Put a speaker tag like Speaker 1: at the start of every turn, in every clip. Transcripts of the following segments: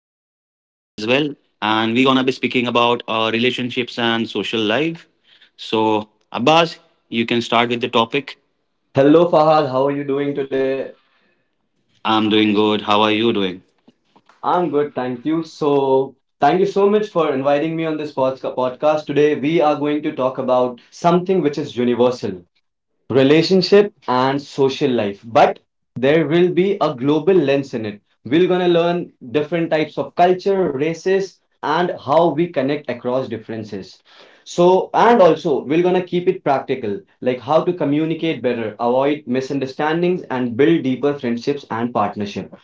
Speaker 1: well, and we're gonna be speaking about relationships and social life. So Abbas, you can start with the topic.
Speaker 2: Hello Fahad, how are you doing today?
Speaker 1: I'm doing good. How are you doing?
Speaker 2: I'm good, thank you. So, thank you so much for inviting me on this podcast. Today, we are going to talk about something which is universal relationship and social life, but there will be a global lens in it. We're going to learn different types of culture, races, and how we connect across differences. So, and also, we're going to keep it practical, like how to communicate better, avoid misunderstandings, and build deeper friendships and partnership.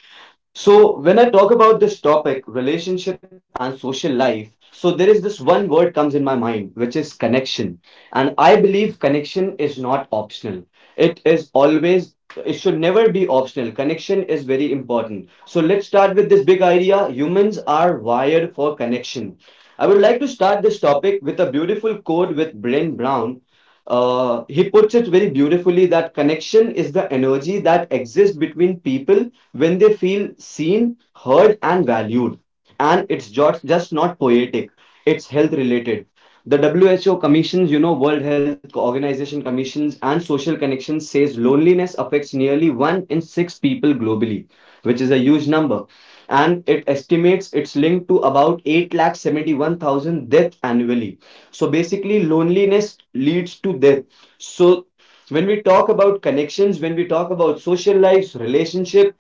Speaker 2: So when I talk about this topic, relationship and social life, so there is this one word comes in my mind, which is connection. And I believe connection is not optional. It is always, it should never be optional. Connection is very important. So let's start with this big idea. Humans are wired for connection. I would like to start this topic with a beautiful quote with Brent Brown. He puts it very beautifully that connection is the energy that exists between people when they feel seen, heard, and valued. And it's just not poetic, it's health related. The WHO commissions, World Health Organization commissions and social connections says loneliness affects nearly one in six people globally, which is a huge number. And it estimates it's linked to about 871,000 deaths annually. So basically, loneliness leads to death. So when we talk about connections, when we talk about social lives, relationship,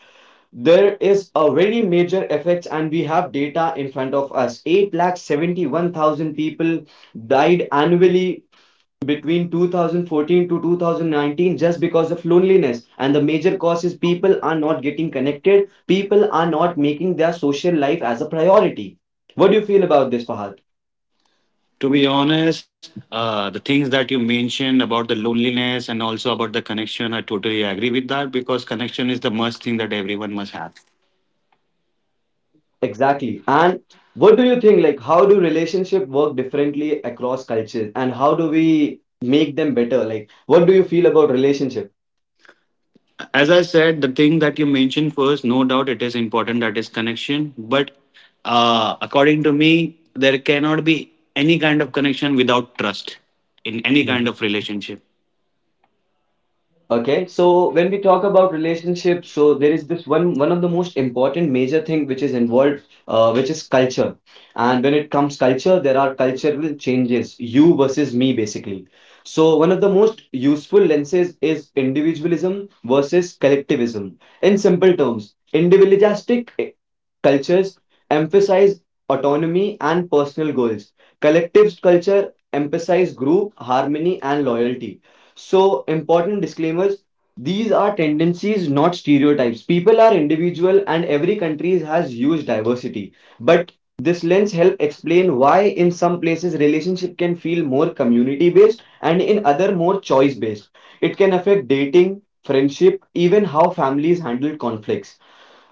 Speaker 2: there is a very major effect, and we have data in front of us. 71,000 people died annually between 2014 to 2019 just because of loneliness. And the major cause is people are not getting connected, people are not making their social life as a priority. What do you feel about this, Fahad?
Speaker 1: To be honest, the things that you mentioned about the loneliness and also about the connection, I totally agree with that because connection is the must thing that everyone must have.
Speaker 2: Exactly. And what do you think? Like, how do relationship work differently across cultures, and how do we make them better? Like, what do you feel about relationship?
Speaker 1: As I said, the thing that you mentioned first, no doubt it is important, that is connection, but according to me, there cannot be any kind of connection without trust in any kind of relationship.
Speaker 2: Okay, so when we talk about relationships, so there is this one of the most important major thing which is involved, which is culture. And when it comes culture, there are cultural changes, you versus me basically. So one of the most useful lenses is individualism versus collectivism. In simple terms, individualistic cultures emphasize autonomy and personal goals. Collective culture emphasize group harmony and loyalty. So important disclaimers. These are tendencies, not stereotypes. People are individual, and every country has huge diversity. But this lens help explain why in some places relationship can feel more community based and in other more choice based. It can affect dating, friendship, even how families handle conflicts.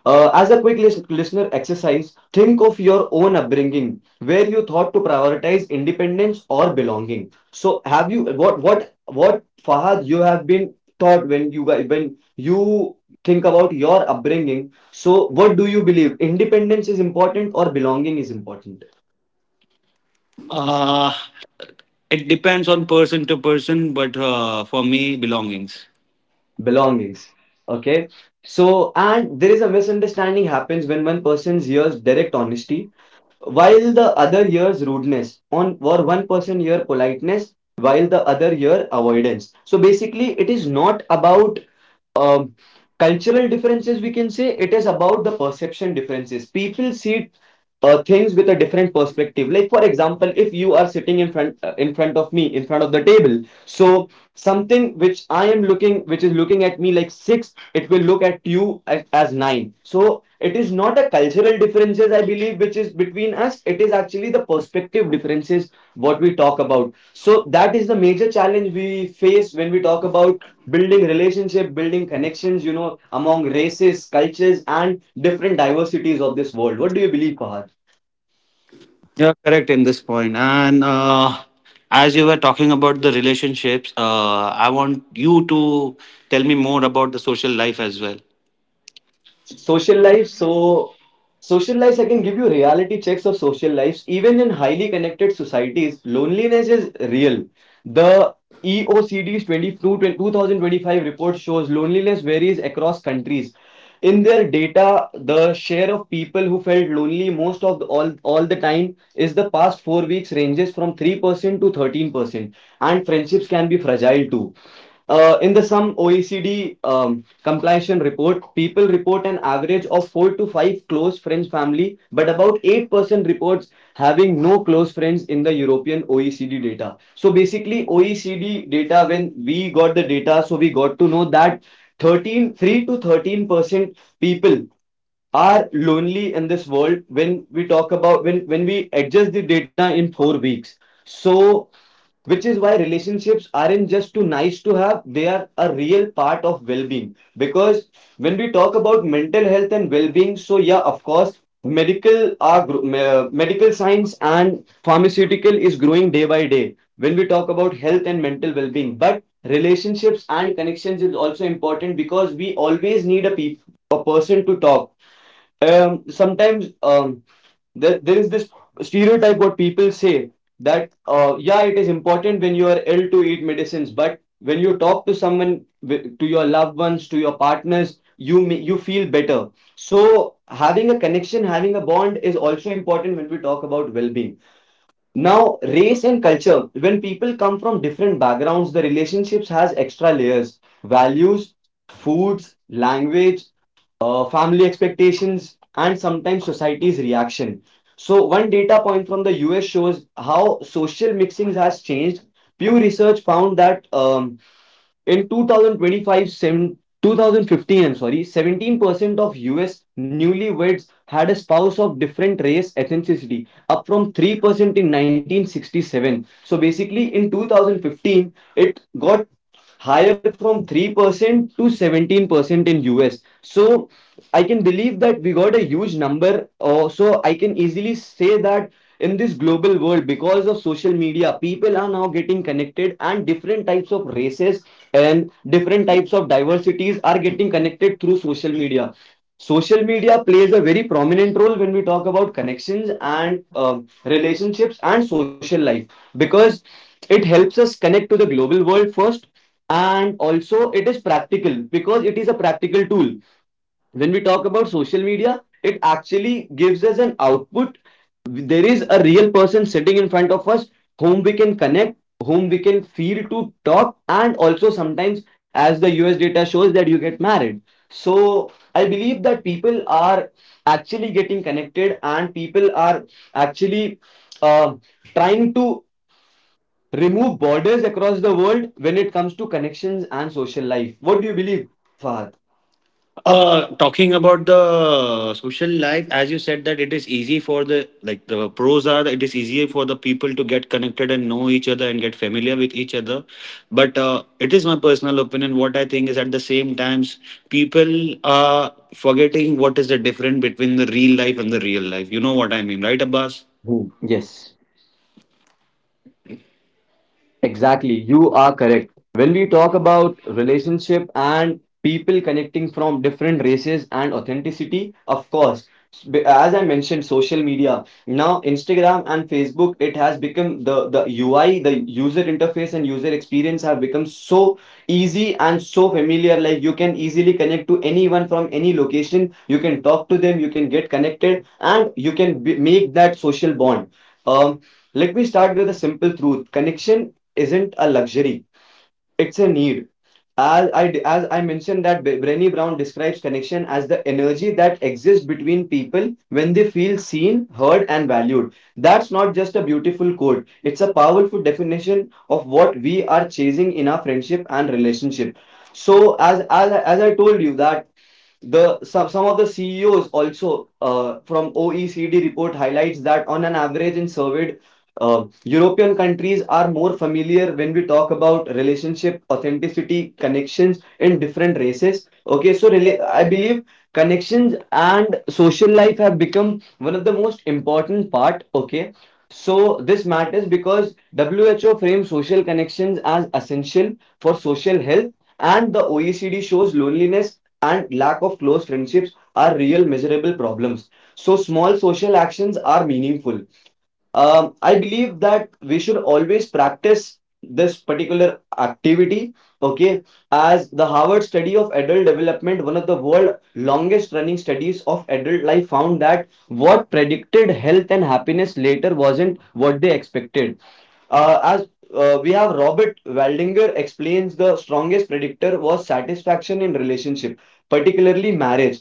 Speaker 2: As a quick listener exercise, think of your own upbringing, where you thought to prioritize independence or belonging. So, have you what Fahad you have been taught when you you think about your upbringing? So, what do you believe? Independence is important or belonging is important?
Speaker 1: uh, it depends on person to person, but for me, belongings.
Speaker 2: Belongings. Okay. So, and there is a misunderstanding happens when one person hears direct honesty while the other year's rudeness on, or one person year politeness while the other year avoidance. So basically, it is not about um, cultural differences, we can say it is about the perception differences. People see things with a different perspective. Like for example, if you are sitting in front of me, in front of the table, so something which I am looking, which is looking at me like six, it will look at you as nine. So it is not a cultural differences, I believe, which is between us. It is actually the perspective differences what we talk about. So that is the major challenge we face when we talk about building relationship, building connections, among races, cultures, and different diversities of this world. What do you believe, Fahad?
Speaker 1: You're correct in this point. And as you were talking about the relationships, I want you to tell me more about the social life as well.
Speaker 2: Social life, so social life. I can give you reality checks of social lives. Even in highly connected societies, loneliness is real. The EOCD's 2025 report shows loneliness varies across countries. In their data, the share of people who felt lonely all the time is the past 4 weeks ranges from 3% to 13%. And friendships can be fragile too. In the some OECD compilation report, people report an average of four to five close friends family, but about 8% reports having no close friends in the European OECD data. So basically, OECD data when we got the data, so we got to know that 13 3 to 13% people are lonely in this world when we talk about when we adjust the data in 4 weeks. So which is why relationships aren't just too nice to have, they are a real part of well being. Because when we talk about mental health and well being, so yeah, of course, medical science and pharmaceutical is growing day by day when we talk about health and mental well being. But relationships and connections is also important because we always need a person to talk, sometimes, there is this stereotype what people say that yeah, it is important when you are ill to eat medicines, but when you talk to someone, to your loved ones, to your partners, you feel better. So having a connection, having a bond is also important when we talk about well-being. Now race and culture, when people come from different backgrounds, the relationships has extra layers: values, foods, language, family expectations, and sometimes society's reaction. So, one data point from the US shows how social mixings has changed. Pew Research found that in 2025, 2015, I'm sorry, 17% of US newlyweds had a spouse of different race ethnicity, up from 3% in 1967. So basically, in 2015, it got higher from 3% to 17% in US. So I can believe that we got a huge number. So I can easily say that in this global world, because of social media, people are now getting connected and different types of races and different types of diversities are getting connected through social media. Social media plays a very prominent role when we talk about connections and relationships and social life, because it helps us connect to the global world first, and also it is practical because it is a practical tool. When we talk about social media, it actually gives us an output. There is a real person sitting in front of us whom we can connect, whom we can feel to talk, and also sometimes, as the US data shows, that you get married. So, I believe that people are actually getting connected and people are actually uh, trying to remove borders across the world when it comes to connections and social life. What do you believe, Fahad?
Speaker 1: Talking about the social life, as you said that it is easy for the like the pros are that it is easier for the people to get connected and know each other and get familiar with each other. But it is my personal opinion. What I think is at the same times people are forgetting what is the difference between the real life and the real life. You know what I mean, right, Abbas?
Speaker 2: Hmm. Yes. Exactly, you are correct. When we talk about relationship and people connecting from different races and authenticity, of course, as I mentioned, social media. Now, Instagram and Facebook, it has become the UI, the user interface and user experience have become so easy and so familiar. Like you can easily connect to anyone from any location. You can talk to them, you can get connected, and you can make that social bond. Um, let me start with a simple truth. Connection isn't a luxury, it's a need. As I mentioned that Brené Brown describes connection as the energy that exists between people when they feel seen, heard and valued. That's not just a beautiful quote, it's a powerful definition of what we are chasing in our friendship and relationship. So as I told you that the some of the CEOs also from OECD report highlights that on an average in surveyed European countries are more familiar when we talk about relationship, authenticity, connections in different races. Okay, so I believe connections and social life have become one of the most important part. Okay, so this matters because WHO frames social connections as essential for social health, and the OECD shows loneliness and lack of close friendships are real measurable problems. So, small social actions are meaningful. I believe that we should always practice this particular activity, okay, as the Harvard study of adult development, one of the world longest running studies of adult life, found that what predicted health and happiness later wasn't what they expected. As we have Robert Waldinger explains the strongest predictor was satisfaction in relationship, particularly marriage,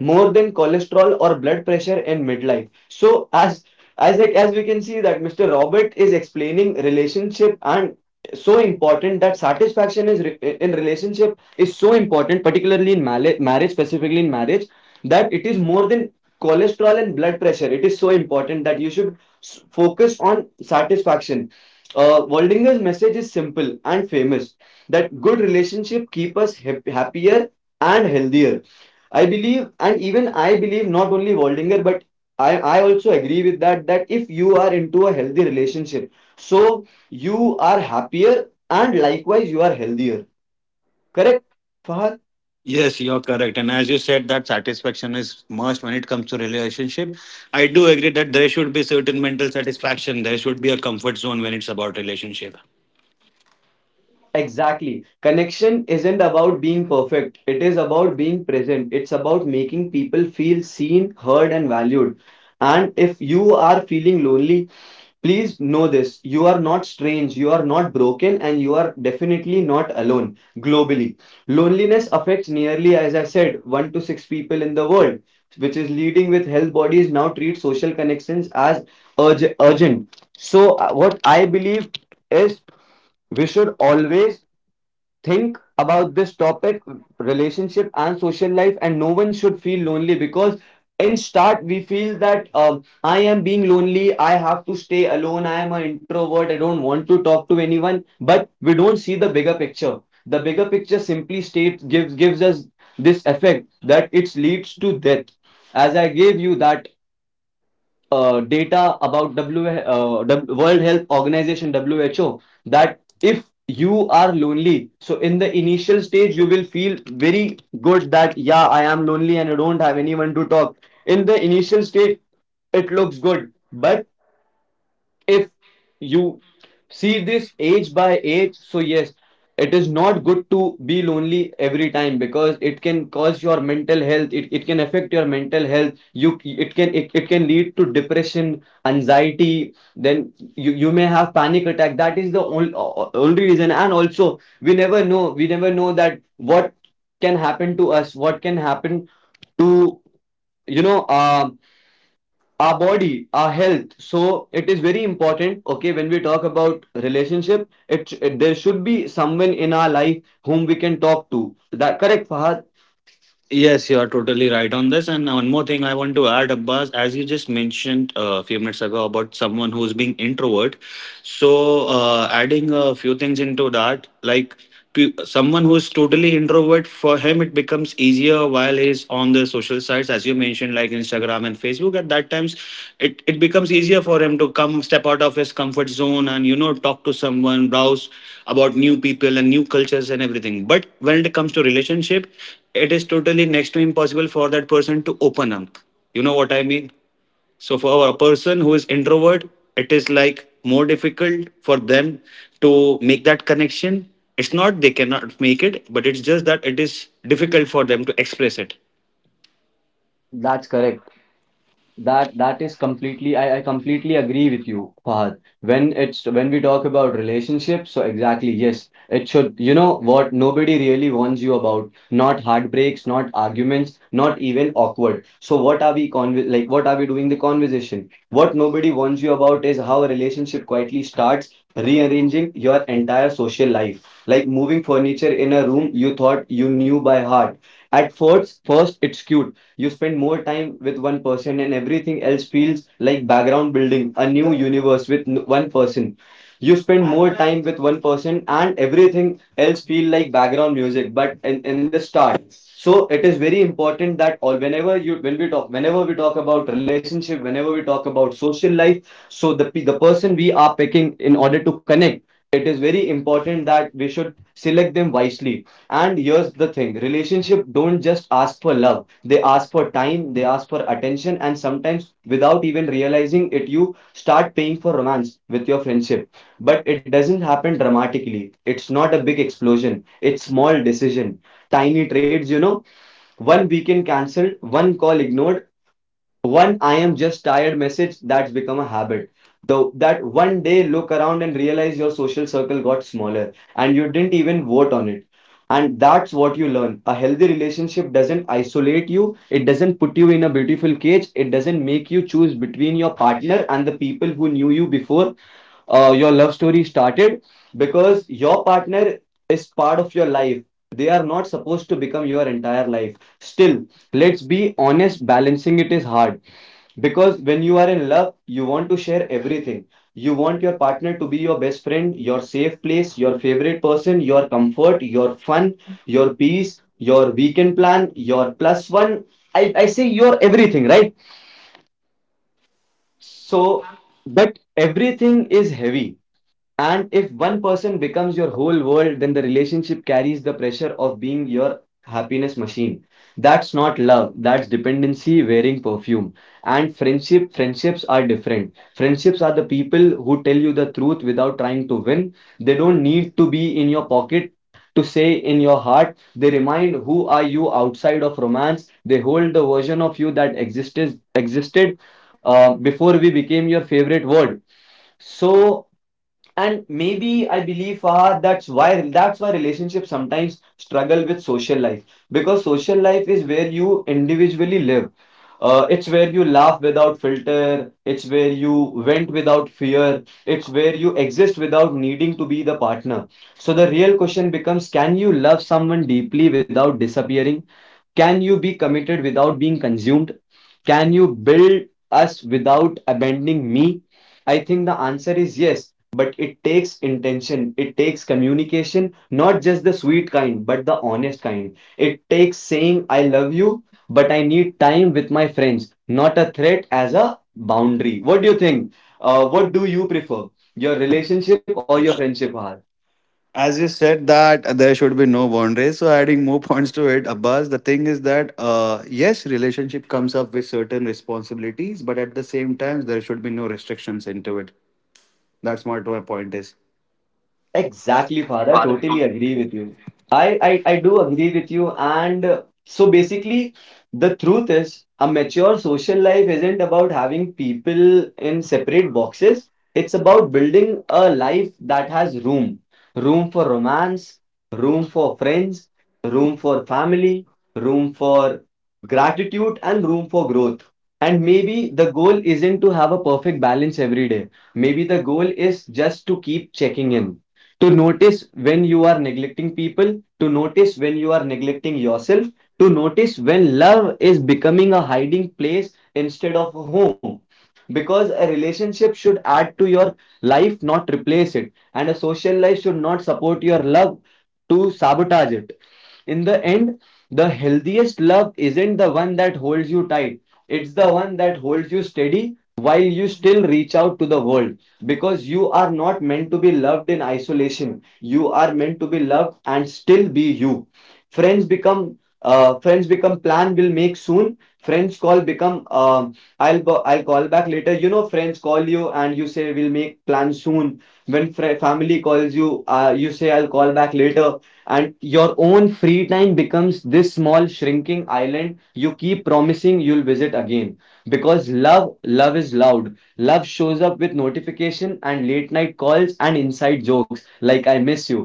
Speaker 2: more than cholesterol or blood pressure in midlife. So as like, as we can see that Mr. Robert is explaining relationship and so important that satisfaction is in relationship is so important, particularly in marriage, specifically in marriage, that it is more than cholesterol and blood pressure. It is so important that you should focus on satisfaction. Waldinger's message is simple and famous that good relationship keep us happier and healthier. I believe, and even I believe, not only Waldinger, but I also agree with that that if you are into a healthy relationship, so you are happier and likewise you are healthier. Correct, Fahad?
Speaker 1: Yes, you're correct. And as you said, that satisfaction is must when it comes to relationship. I do agree that there should be certain mental satisfaction. There should be a comfort zone when it's about relationship.
Speaker 2: Exactly. Connection isn't about being perfect. It is about being present. It's about making people feel seen, heard, and valued. And if you are feeling lonely, please know this, you are not strange, you are not broken, and you are definitely not alone globally. Loneliness affects nearly, as I said, 1 to 6 people in the world, which is leading with health bodies now treat social connections as urgent. So, what I believe is we should always think about this topic, relationship and social life, and no one should feel lonely because in start we feel that I am being lonely, I have to stay alone, I am an introvert, I don't want to talk to anyone, but we don't see the bigger picture. The bigger picture simply states, gives us this effect that it leads to death, as I gave you that data about World Health Organization, WHO, that if you are lonely, so in the initial stage you will feel very good that yeah, I am lonely and I don't have anyone to talk. In the initial stage, it looks good, but if you see this age by age, so yes, it is not good to be lonely every time because it can cause your mental health. It can affect your mental health. You, it can, it can lead to depression, anxiety. Then you may have panic attack. That is the only reason. And also, we never know. We never know that what can happen to us. What can happen to, you know um our body, our health. So it is very important. Okay, when we talk about relationship, it, there should be someone in our life whom we can talk to. That correct, Fahad?
Speaker 1: Yes, you are totally right on this. And one more thing I want to add, Abbas, as you just mentioned a few minutes ago about someone who's being introvert. So adding a few things into that, like someone who is totally introvert, for him it becomes easier while he's on the social sites, as you mentioned, like Instagram and Facebook. At that times it becomes easier for him to come step out of his comfort zone and, you know, talk to someone, browse about new people and new cultures and everything. But when it comes to relationship, it is totally next to impossible for that person to open up. You know what I mean? So for a person who is introvert, it is like more difficult for them to make that connection. It's not they cannot make it, but it's just that it is difficult for them to express it.
Speaker 2: That's correct. That is completely, I completely agree with you, Fahad. When it's, when we talk about relationships, so exactly, yes, it should, you know what nobody really warns you about, not heartbreaks, not arguments, not even awkward. So what are we conv like, what are we doing the conversation? What nobody warns you about is how a relationship quietly starts rearranging your entire social life. Like moving furniture in a room you thought you knew by heart. First it's cute. You spend more time with one person, and everything else feels like background, building a new universe with one person. You spend more time with one person, and everything else feel like background music. But in the start, so it is very important that all whenever you, when we talk, whenever we talk about relationship, whenever we talk about social life, so the the person we are picking in order to connect, it is very important that we should select them wisely. And here's the thing, relationship don't just ask for love, they ask for time, they ask for attention, and sometimes without even realizing it, you start paying for romance with your friendship. But it doesn't happen dramatically, it's not a big explosion, it's small decision, tiny trades, you know, one weekend cancelled, one call ignored, one I am just tired message, that's become a habit. Though that one day look around and realize your social circle got smaller and you didn't even vote on it. And that's what you learn. A healthy relationship doesn't isolate you, it doesn't put you in a beautiful cage, it doesn't make you choose between your partner and the people who knew you before your love story started, because your partner is part of your life. They are not supposed to become your entire life. Still, let's be honest, balancing it is hard, because when you are in love, you want to share everything. You want your partner to be your best friend, your safe place, your favorite person, your comfort, your fun, your peace, your weekend plan, your plus one. I say your everything, right? So, but everything is heavy. And if one person becomes your whole world, then the relationship carries the pressure of being your happiness machine. That's not love, that's dependency wearing perfume. And friendships are different. Friendships are the people who tell you the truth without trying to win. They don't need to be in your pocket to say in your heart. They remind who are you outside of romance. They hold the version of you that existed before we became your favorite word. So, and maybe I believe, Fahad, that's why relationships sometimes struggle with social life, because social life is where you individually live. It's where you laugh without filter. It's where you vent without fear. It's where you exist without needing to be the partner. So the real question becomes: can you love someone deeply without disappearing? Can you be committed without being consumed? Can you build us without abandoning me? I think the answer is yes, but it takes intention, it takes communication, not just the sweet kind, but the honest kind. It takes saying, I love you, but I need time with my friends, not a threat as a boundary. What do you think? What do you prefer, your relationship or your friendship? Har?
Speaker 1: As you said that there should be no boundaries, so adding more points to it, Abbas, the thing is that yes, relationship comes up with certain responsibilities, but at the same time, there should be no restrictions into it. That's what my point is.
Speaker 2: Exactly, Father. I totally agree with you. I do agree with you. And so basically, the truth is a mature social life isn't about having people in separate boxes. It's about building a life that has room, room for romance, room for friends, room for family, room for gratitude, and room for growth. And maybe the goal isn't to have a perfect balance every day. Maybe the goal is just to keep checking in, to notice when you are neglecting people, to notice when you are neglecting yourself, to notice when love is becoming a hiding place instead of a home. Because a relationship should add to your life, not replace it. And a social life should not support your love to sabotage it. In the end, the healthiest love isn't the one that holds you tight, it's the one that holds you steady while you still reach out to the world, because you are not meant to be loved in isolation, you are meant to be loved and still be you. Friends become, friends become plan will make soon. Friends call become, i'll I'll call back later. You know, friends call you and you say we'll make plan soon. When family calls you, you say I'll call back later. And your own free time becomes this small shrinking island you keep promising you'll visit again, because love is loud, love shows up with notification and late night calls and inside jokes like I miss you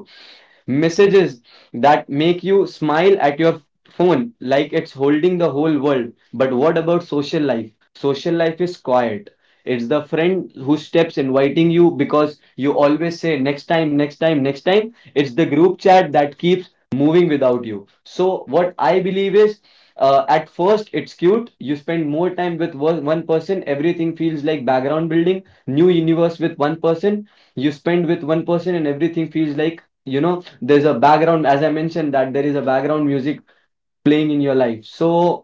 Speaker 2: messages that make you smile at your phone like it's holding the whole world. But what about social life? Social life is quiet. It's the friend who steps inviting you because you always say next time, next time, next time. It's the group chat that keeps moving without you. So, what I believe is, at first it's cute, you spend more time with one person, everything feels like background, building new universe with one person. You spend with one person and everything feels like, you know, there's a background, as I mentioned, that there is a background music playing in your life. So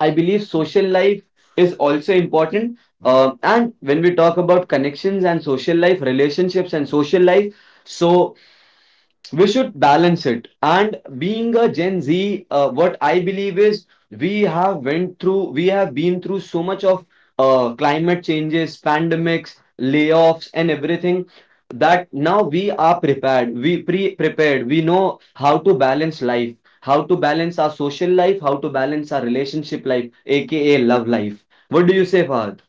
Speaker 2: I believe social life is also important. And when we talk about connections and social life, relationships and social life, so we should balance it. And being a gen z, what I believe is, we have went through, we have been through so much of climate changes, pandemics, layoffs, and everything, that now we are prepared, we prepared, we know how to balance life, how to balance our social life, how to balance our relationship life, aka love life. What do you say, Fahad?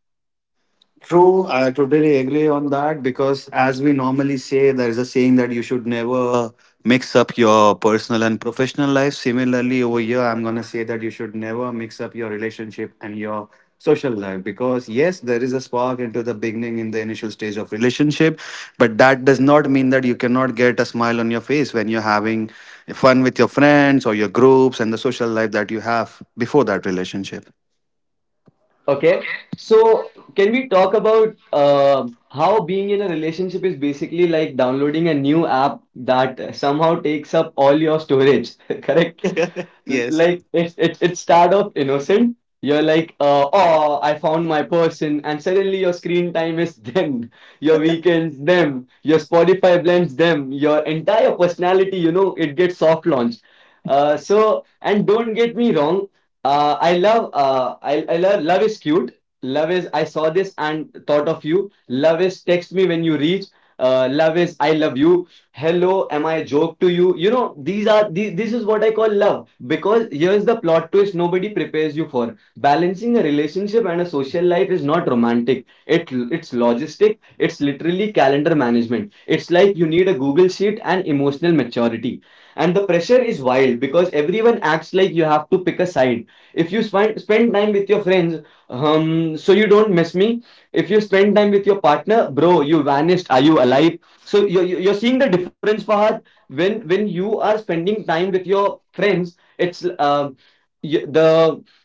Speaker 1: True, I totally agree on that because, as we normally say, there is a saying that you should never mix up your personal and professional life. Similarly, over here, I'm going to say that you should never mix up your relationship and your social life because, yes, there is a spark into the beginning in the initial stage of relationship, but that does not mean that you cannot get a smile on your face when you're having fun with your friends or your groups and the social life that you have before that relationship.
Speaker 2: Okay. So, can we talk about how being in a relationship is basically like downloading a new app that somehow takes up all your storage, correct?
Speaker 1: Yes.
Speaker 2: Like it start off innocent. You're like oh, I found my person, and suddenly your screen time is them, your weekends them, your Spotify blends them, your entire personality it gets soft launched. So and don't get me wrong, I love I love. Love is cute. Love is I saw this and thought of you. Love is text me when you reach. Love is I love you. Hello, am I a joke to you? You know These are this is what I call love, because here's the plot twist: nobody prepares you for balancing a relationship and a social life. Is not romantic, it's logistic. It's literally calendar management. It's like you need a Google Sheet and emotional maturity. And the pressure is wild because everyone acts like you have to pick a side. If you spend time with your friends, um, so you don't miss me. If you spend time with your partner, bro, you vanished, are you alive? So you're seeing the difference, Fahad. When you are spending time with your friends, it's um, the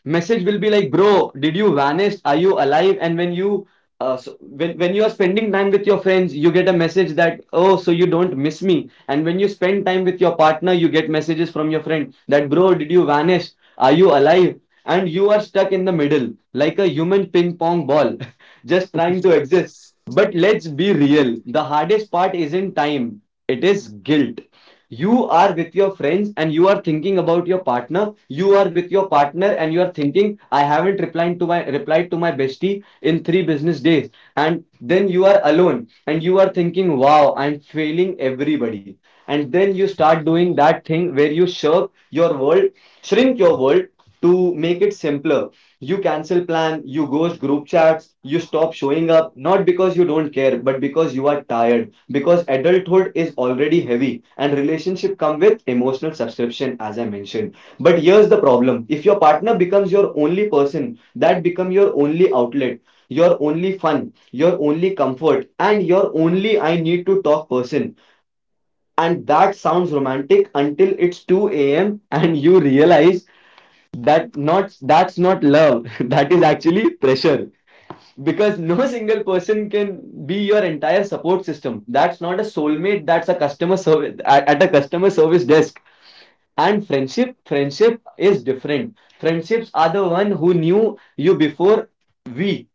Speaker 2: message will be like, bro, did you vanish, are you alive? And when you when you are spending time with your friends, you get a message that, oh, so you don't miss me. And when you spend time with your partner, you get messages from your friend that, bro, did you vanish, are you alive? And you are stuck in the middle like a human ping pong ball, just trying to exist. But let's be real. The hardest part isn't time, it is guilt. You are with your friends and you are thinking about your partner. You are with your partner and you are thinking, I haven't replied to my bestie in three business days. And then you are alone and you are thinking, wow, I'm failing everybody. And then you start doing that thing where you shirk your world, shrink your world to make it simpler. You cancel plan, you ghost group chats, you stop showing up, not because you don't care, but because you are tired. Because adulthood is already heavy and relationship come with emotional subscription, as I mentioned. But here's the problem. If your partner becomes your only person, that become your only outlet, your only fun, your only comfort, and your only I need to talk person. And that sounds romantic until it's 2 a.m. and you realize that not that's not love. That is actually pressure, because no single person can be your entire support system. That's not a soulmate, that's a customer service at a customer service desk. And friendship is different. Friendships are the one who knew you before we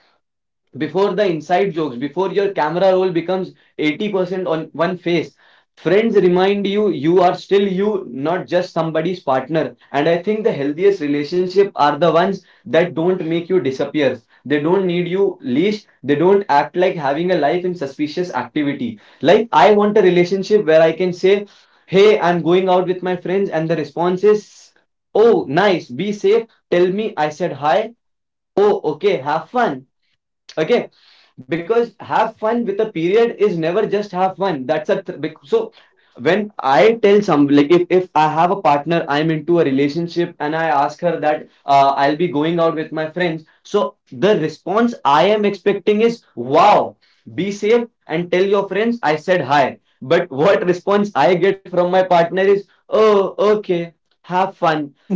Speaker 2: before the inside jokes, before your camera roll becomes 80% on one face. Friends remind you you are still you, not just somebody's partner. And I think the healthiest relationship are the ones that don't make you disappear. They don't need you leash. They don't act like having a life in suspicious activity. Like, I want a relationship where I can say, "Hey, I'm going out with my friends," and the response is, "Oh, nice. Be safe. Tell me I said hi. Oh, okay. Have fun." Okay, because have fun with a period is never just have fun. That's a so, when I tell some, like, if I have a partner, I'm into a relationship, and I ask her that, I'll be going out with my friends, so the response I am expecting is, wow, be safe and tell your friends I said hi. But what response I get from my partner is, oh, okay, have fun.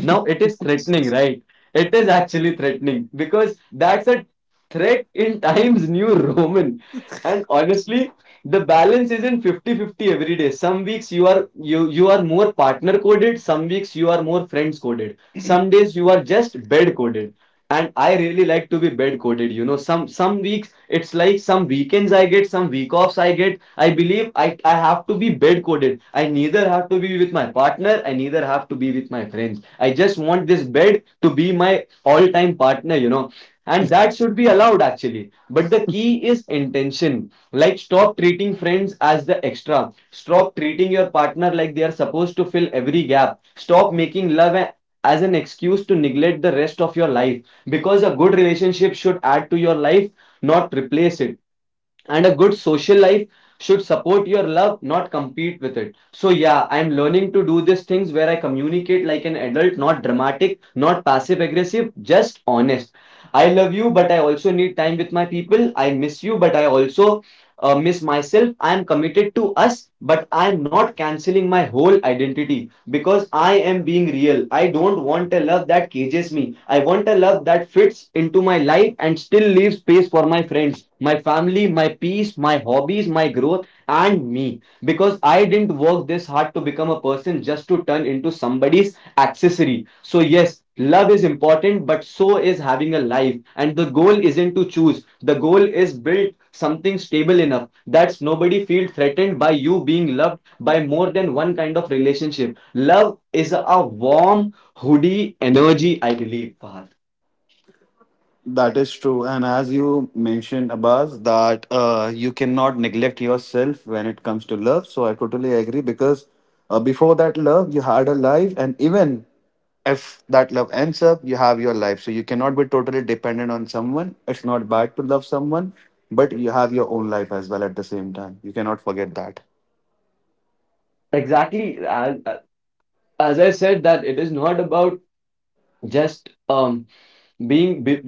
Speaker 2: Now it is threatening, right? It is actually threatening because that's a threat in Times New Roman. And honestly, the balance isn't 50/50 every day. Some weeks you are you are more partner coded, some weeks you are more friends coded. Some days you are just bed coded. And I really like to be bed coded, you know. Some weeks it's like some weekends I get, some week offs I get. I believe I have to be bed coded. I neither have to be with my partner, I neither have to be with my friends. I just want this bed to be my all-time partner, you know, and that should be allowed, actually. But the key is intention. Like, stop treating friends as the extra, stop treating your partner like they are supposed to fill every gap, stop making as an excuse to neglect the rest of your life. Because a good relationship should add to your life, not replace it. And a good social life should support your love, not compete with it. So yeah, I'm learning to do these things where I communicate like an adult, not dramatic, not passive aggressive, just honest. I love you, but I also need time with my people. I miss you, but I also miss myself. I am committed to us, but I am not canceling my whole identity. Because I am being real. I don't want a love that cages me. I want a love that fits into my life and still leaves space for my friends, my family, my peace, my hobbies, my growth, and me. Because I didn't work this hard to become a person just to turn into somebody's accessory. So yes, love is important, but so is having a life. And the goal isn't to choose, the goal is build something stable enough that nobody feels threatened by you being loved by more than one kind of relationship. Love is a warm hoodie energy, I believe, Fahad.
Speaker 1: That is true. And as you mentioned, Abbas, that you cannot neglect yourself when it comes to love. So I totally agree because before that love, you had a life. And even if that love ends up, you have your life. So you cannot be totally dependent on someone. It's not bad to love someone, but you have your own life as well at the same time. You cannot forget that.
Speaker 2: Exactly. And as I said, that it is not about just being be-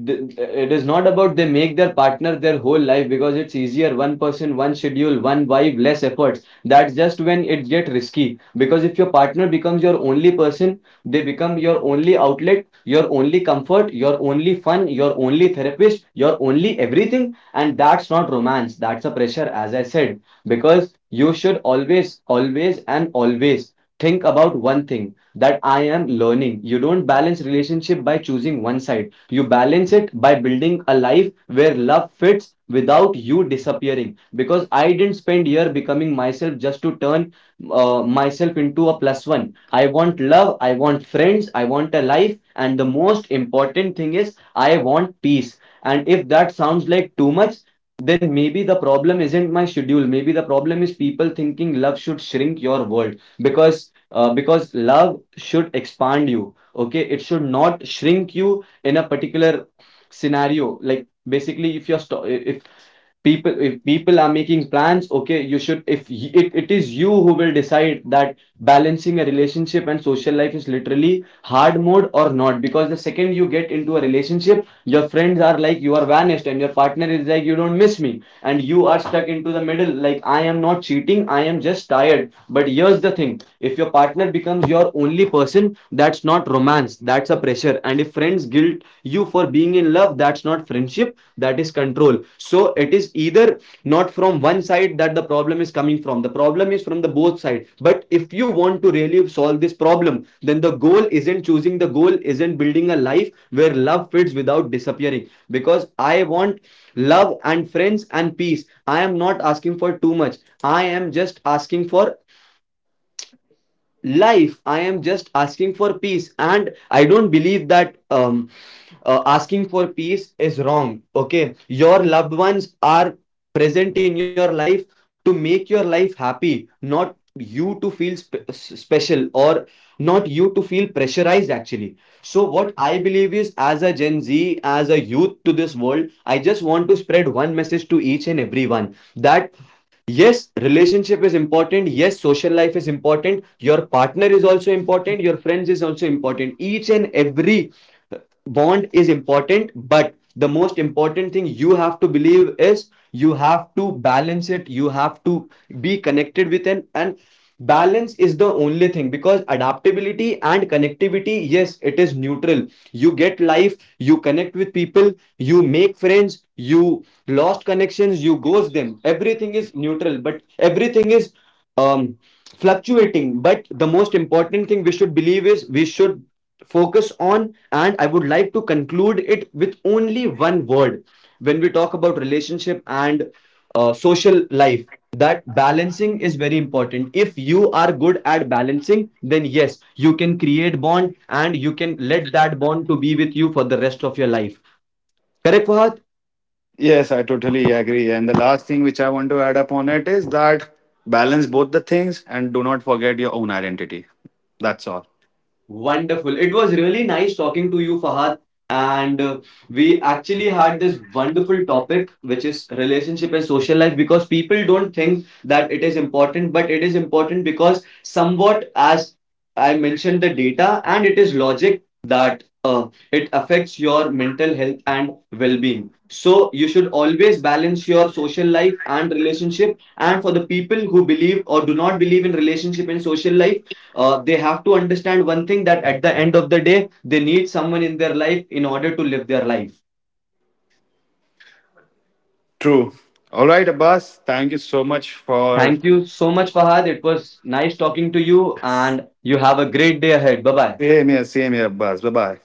Speaker 2: it is not about they make their partner their whole life, because it's easier, one person, one schedule, one vibe, less efforts. That's just when it get risky, because if your partner becomes your only person, they become your only outlet, your only comfort, your only fun, your only therapist, your only everything. And that's not romance, that's a pressure, as I said. Because you should always, always, and always think about one thing that I am learning. You don't balance relationship by choosing one side, you balance it by building a life where love fits without you disappearing. Because I didn't spend year becoming myself just to turn myself into a plus one. I want love, I want friends, I want a life, and the most important thing is I want peace. And if that sounds like too much, then maybe the problem isn't my schedule. Maybe the problem is people thinking love should shrink your world, because love should expand you. Okay, it should not shrink you in a particular scenario, like basically if you're if if people are making plans, okay, you should, if it is you who will decide that balancing a relationship and social life is literally hard mode or not. Because the second you get into a relationship, your friends are like, you are vanished, and your partner is like, you don't miss me. And you are stuck into the middle, like, I am not cheating, I am just tired. But here's the thing, if your partner becomes your only person, that's not romance, that's a pressure. And if friends guilt you for being in love, that's not friendship, that is control. So it is either not from one side that the problem is coming from, the problem is from the both side. But if you want to really solve this problem, then the goal isn't choosing, the goal isn't building a life where love fits without disappearing. Because I want love and friends and peace, I am not asking for too much, I am just asking for life, I am just asking for peace. And I don't believe that asking for peace is wrong. Okay, your loved ones are present in your life to make your life happy, not you to feel special, or not you to feel pressurized, actually. So what I believe is, as a Gen Z, as a youth to this world, I just want to spread one message to each and everyone that yes, relationship is important, yes, social life is important, your partner is also important, your friends is also important, each and every bond is important. But the most important thing you have to believe is you have to balance it, you have to be connected with an and balance is the only thing, because adaptability and connectivity, yes, it is neutral. You get life, you connect with people, you make friends, you lost connections, you ghost them, everything is neutral, but everything is um fluctuating. But the most important thing we should believe is we should focus on, and I would like to conclude it with only one word, when we talk about relationship and social life, that balancing is very important. If you are good at balancing, then yes, you can create bond and you can let that bond to be with you for the rest of your life, correct Fahad?
Speaker 1: Yes, I totally agree. And the last thing which I want to add upon it is that balance both the things and do not forget your own identity. That's all.
Speaker 2: Wonderful. It was really nice talking to you, Fahad. And we actually had this wonderful topic, which is relationship and social life, because people don't think that it is important, but it is important because, somewhat, as I mentioned, the data, and it is logic that it affects your mental health and well being. So, you should always balance your social life and relationship. And for the people who believe or do not believe in relationship and social life, they have to understand one thing, that at the end of the day, they need someone in their life in order to live their life.
Speaker 1: True. All right, Abbas. Thank you so much for.
Speaker 2: Thank you so much, Fahad. It was nice talking to you, and you have a great day ahead. Bye bye.
Speaker 1: Same here, Abbas. Bye bye.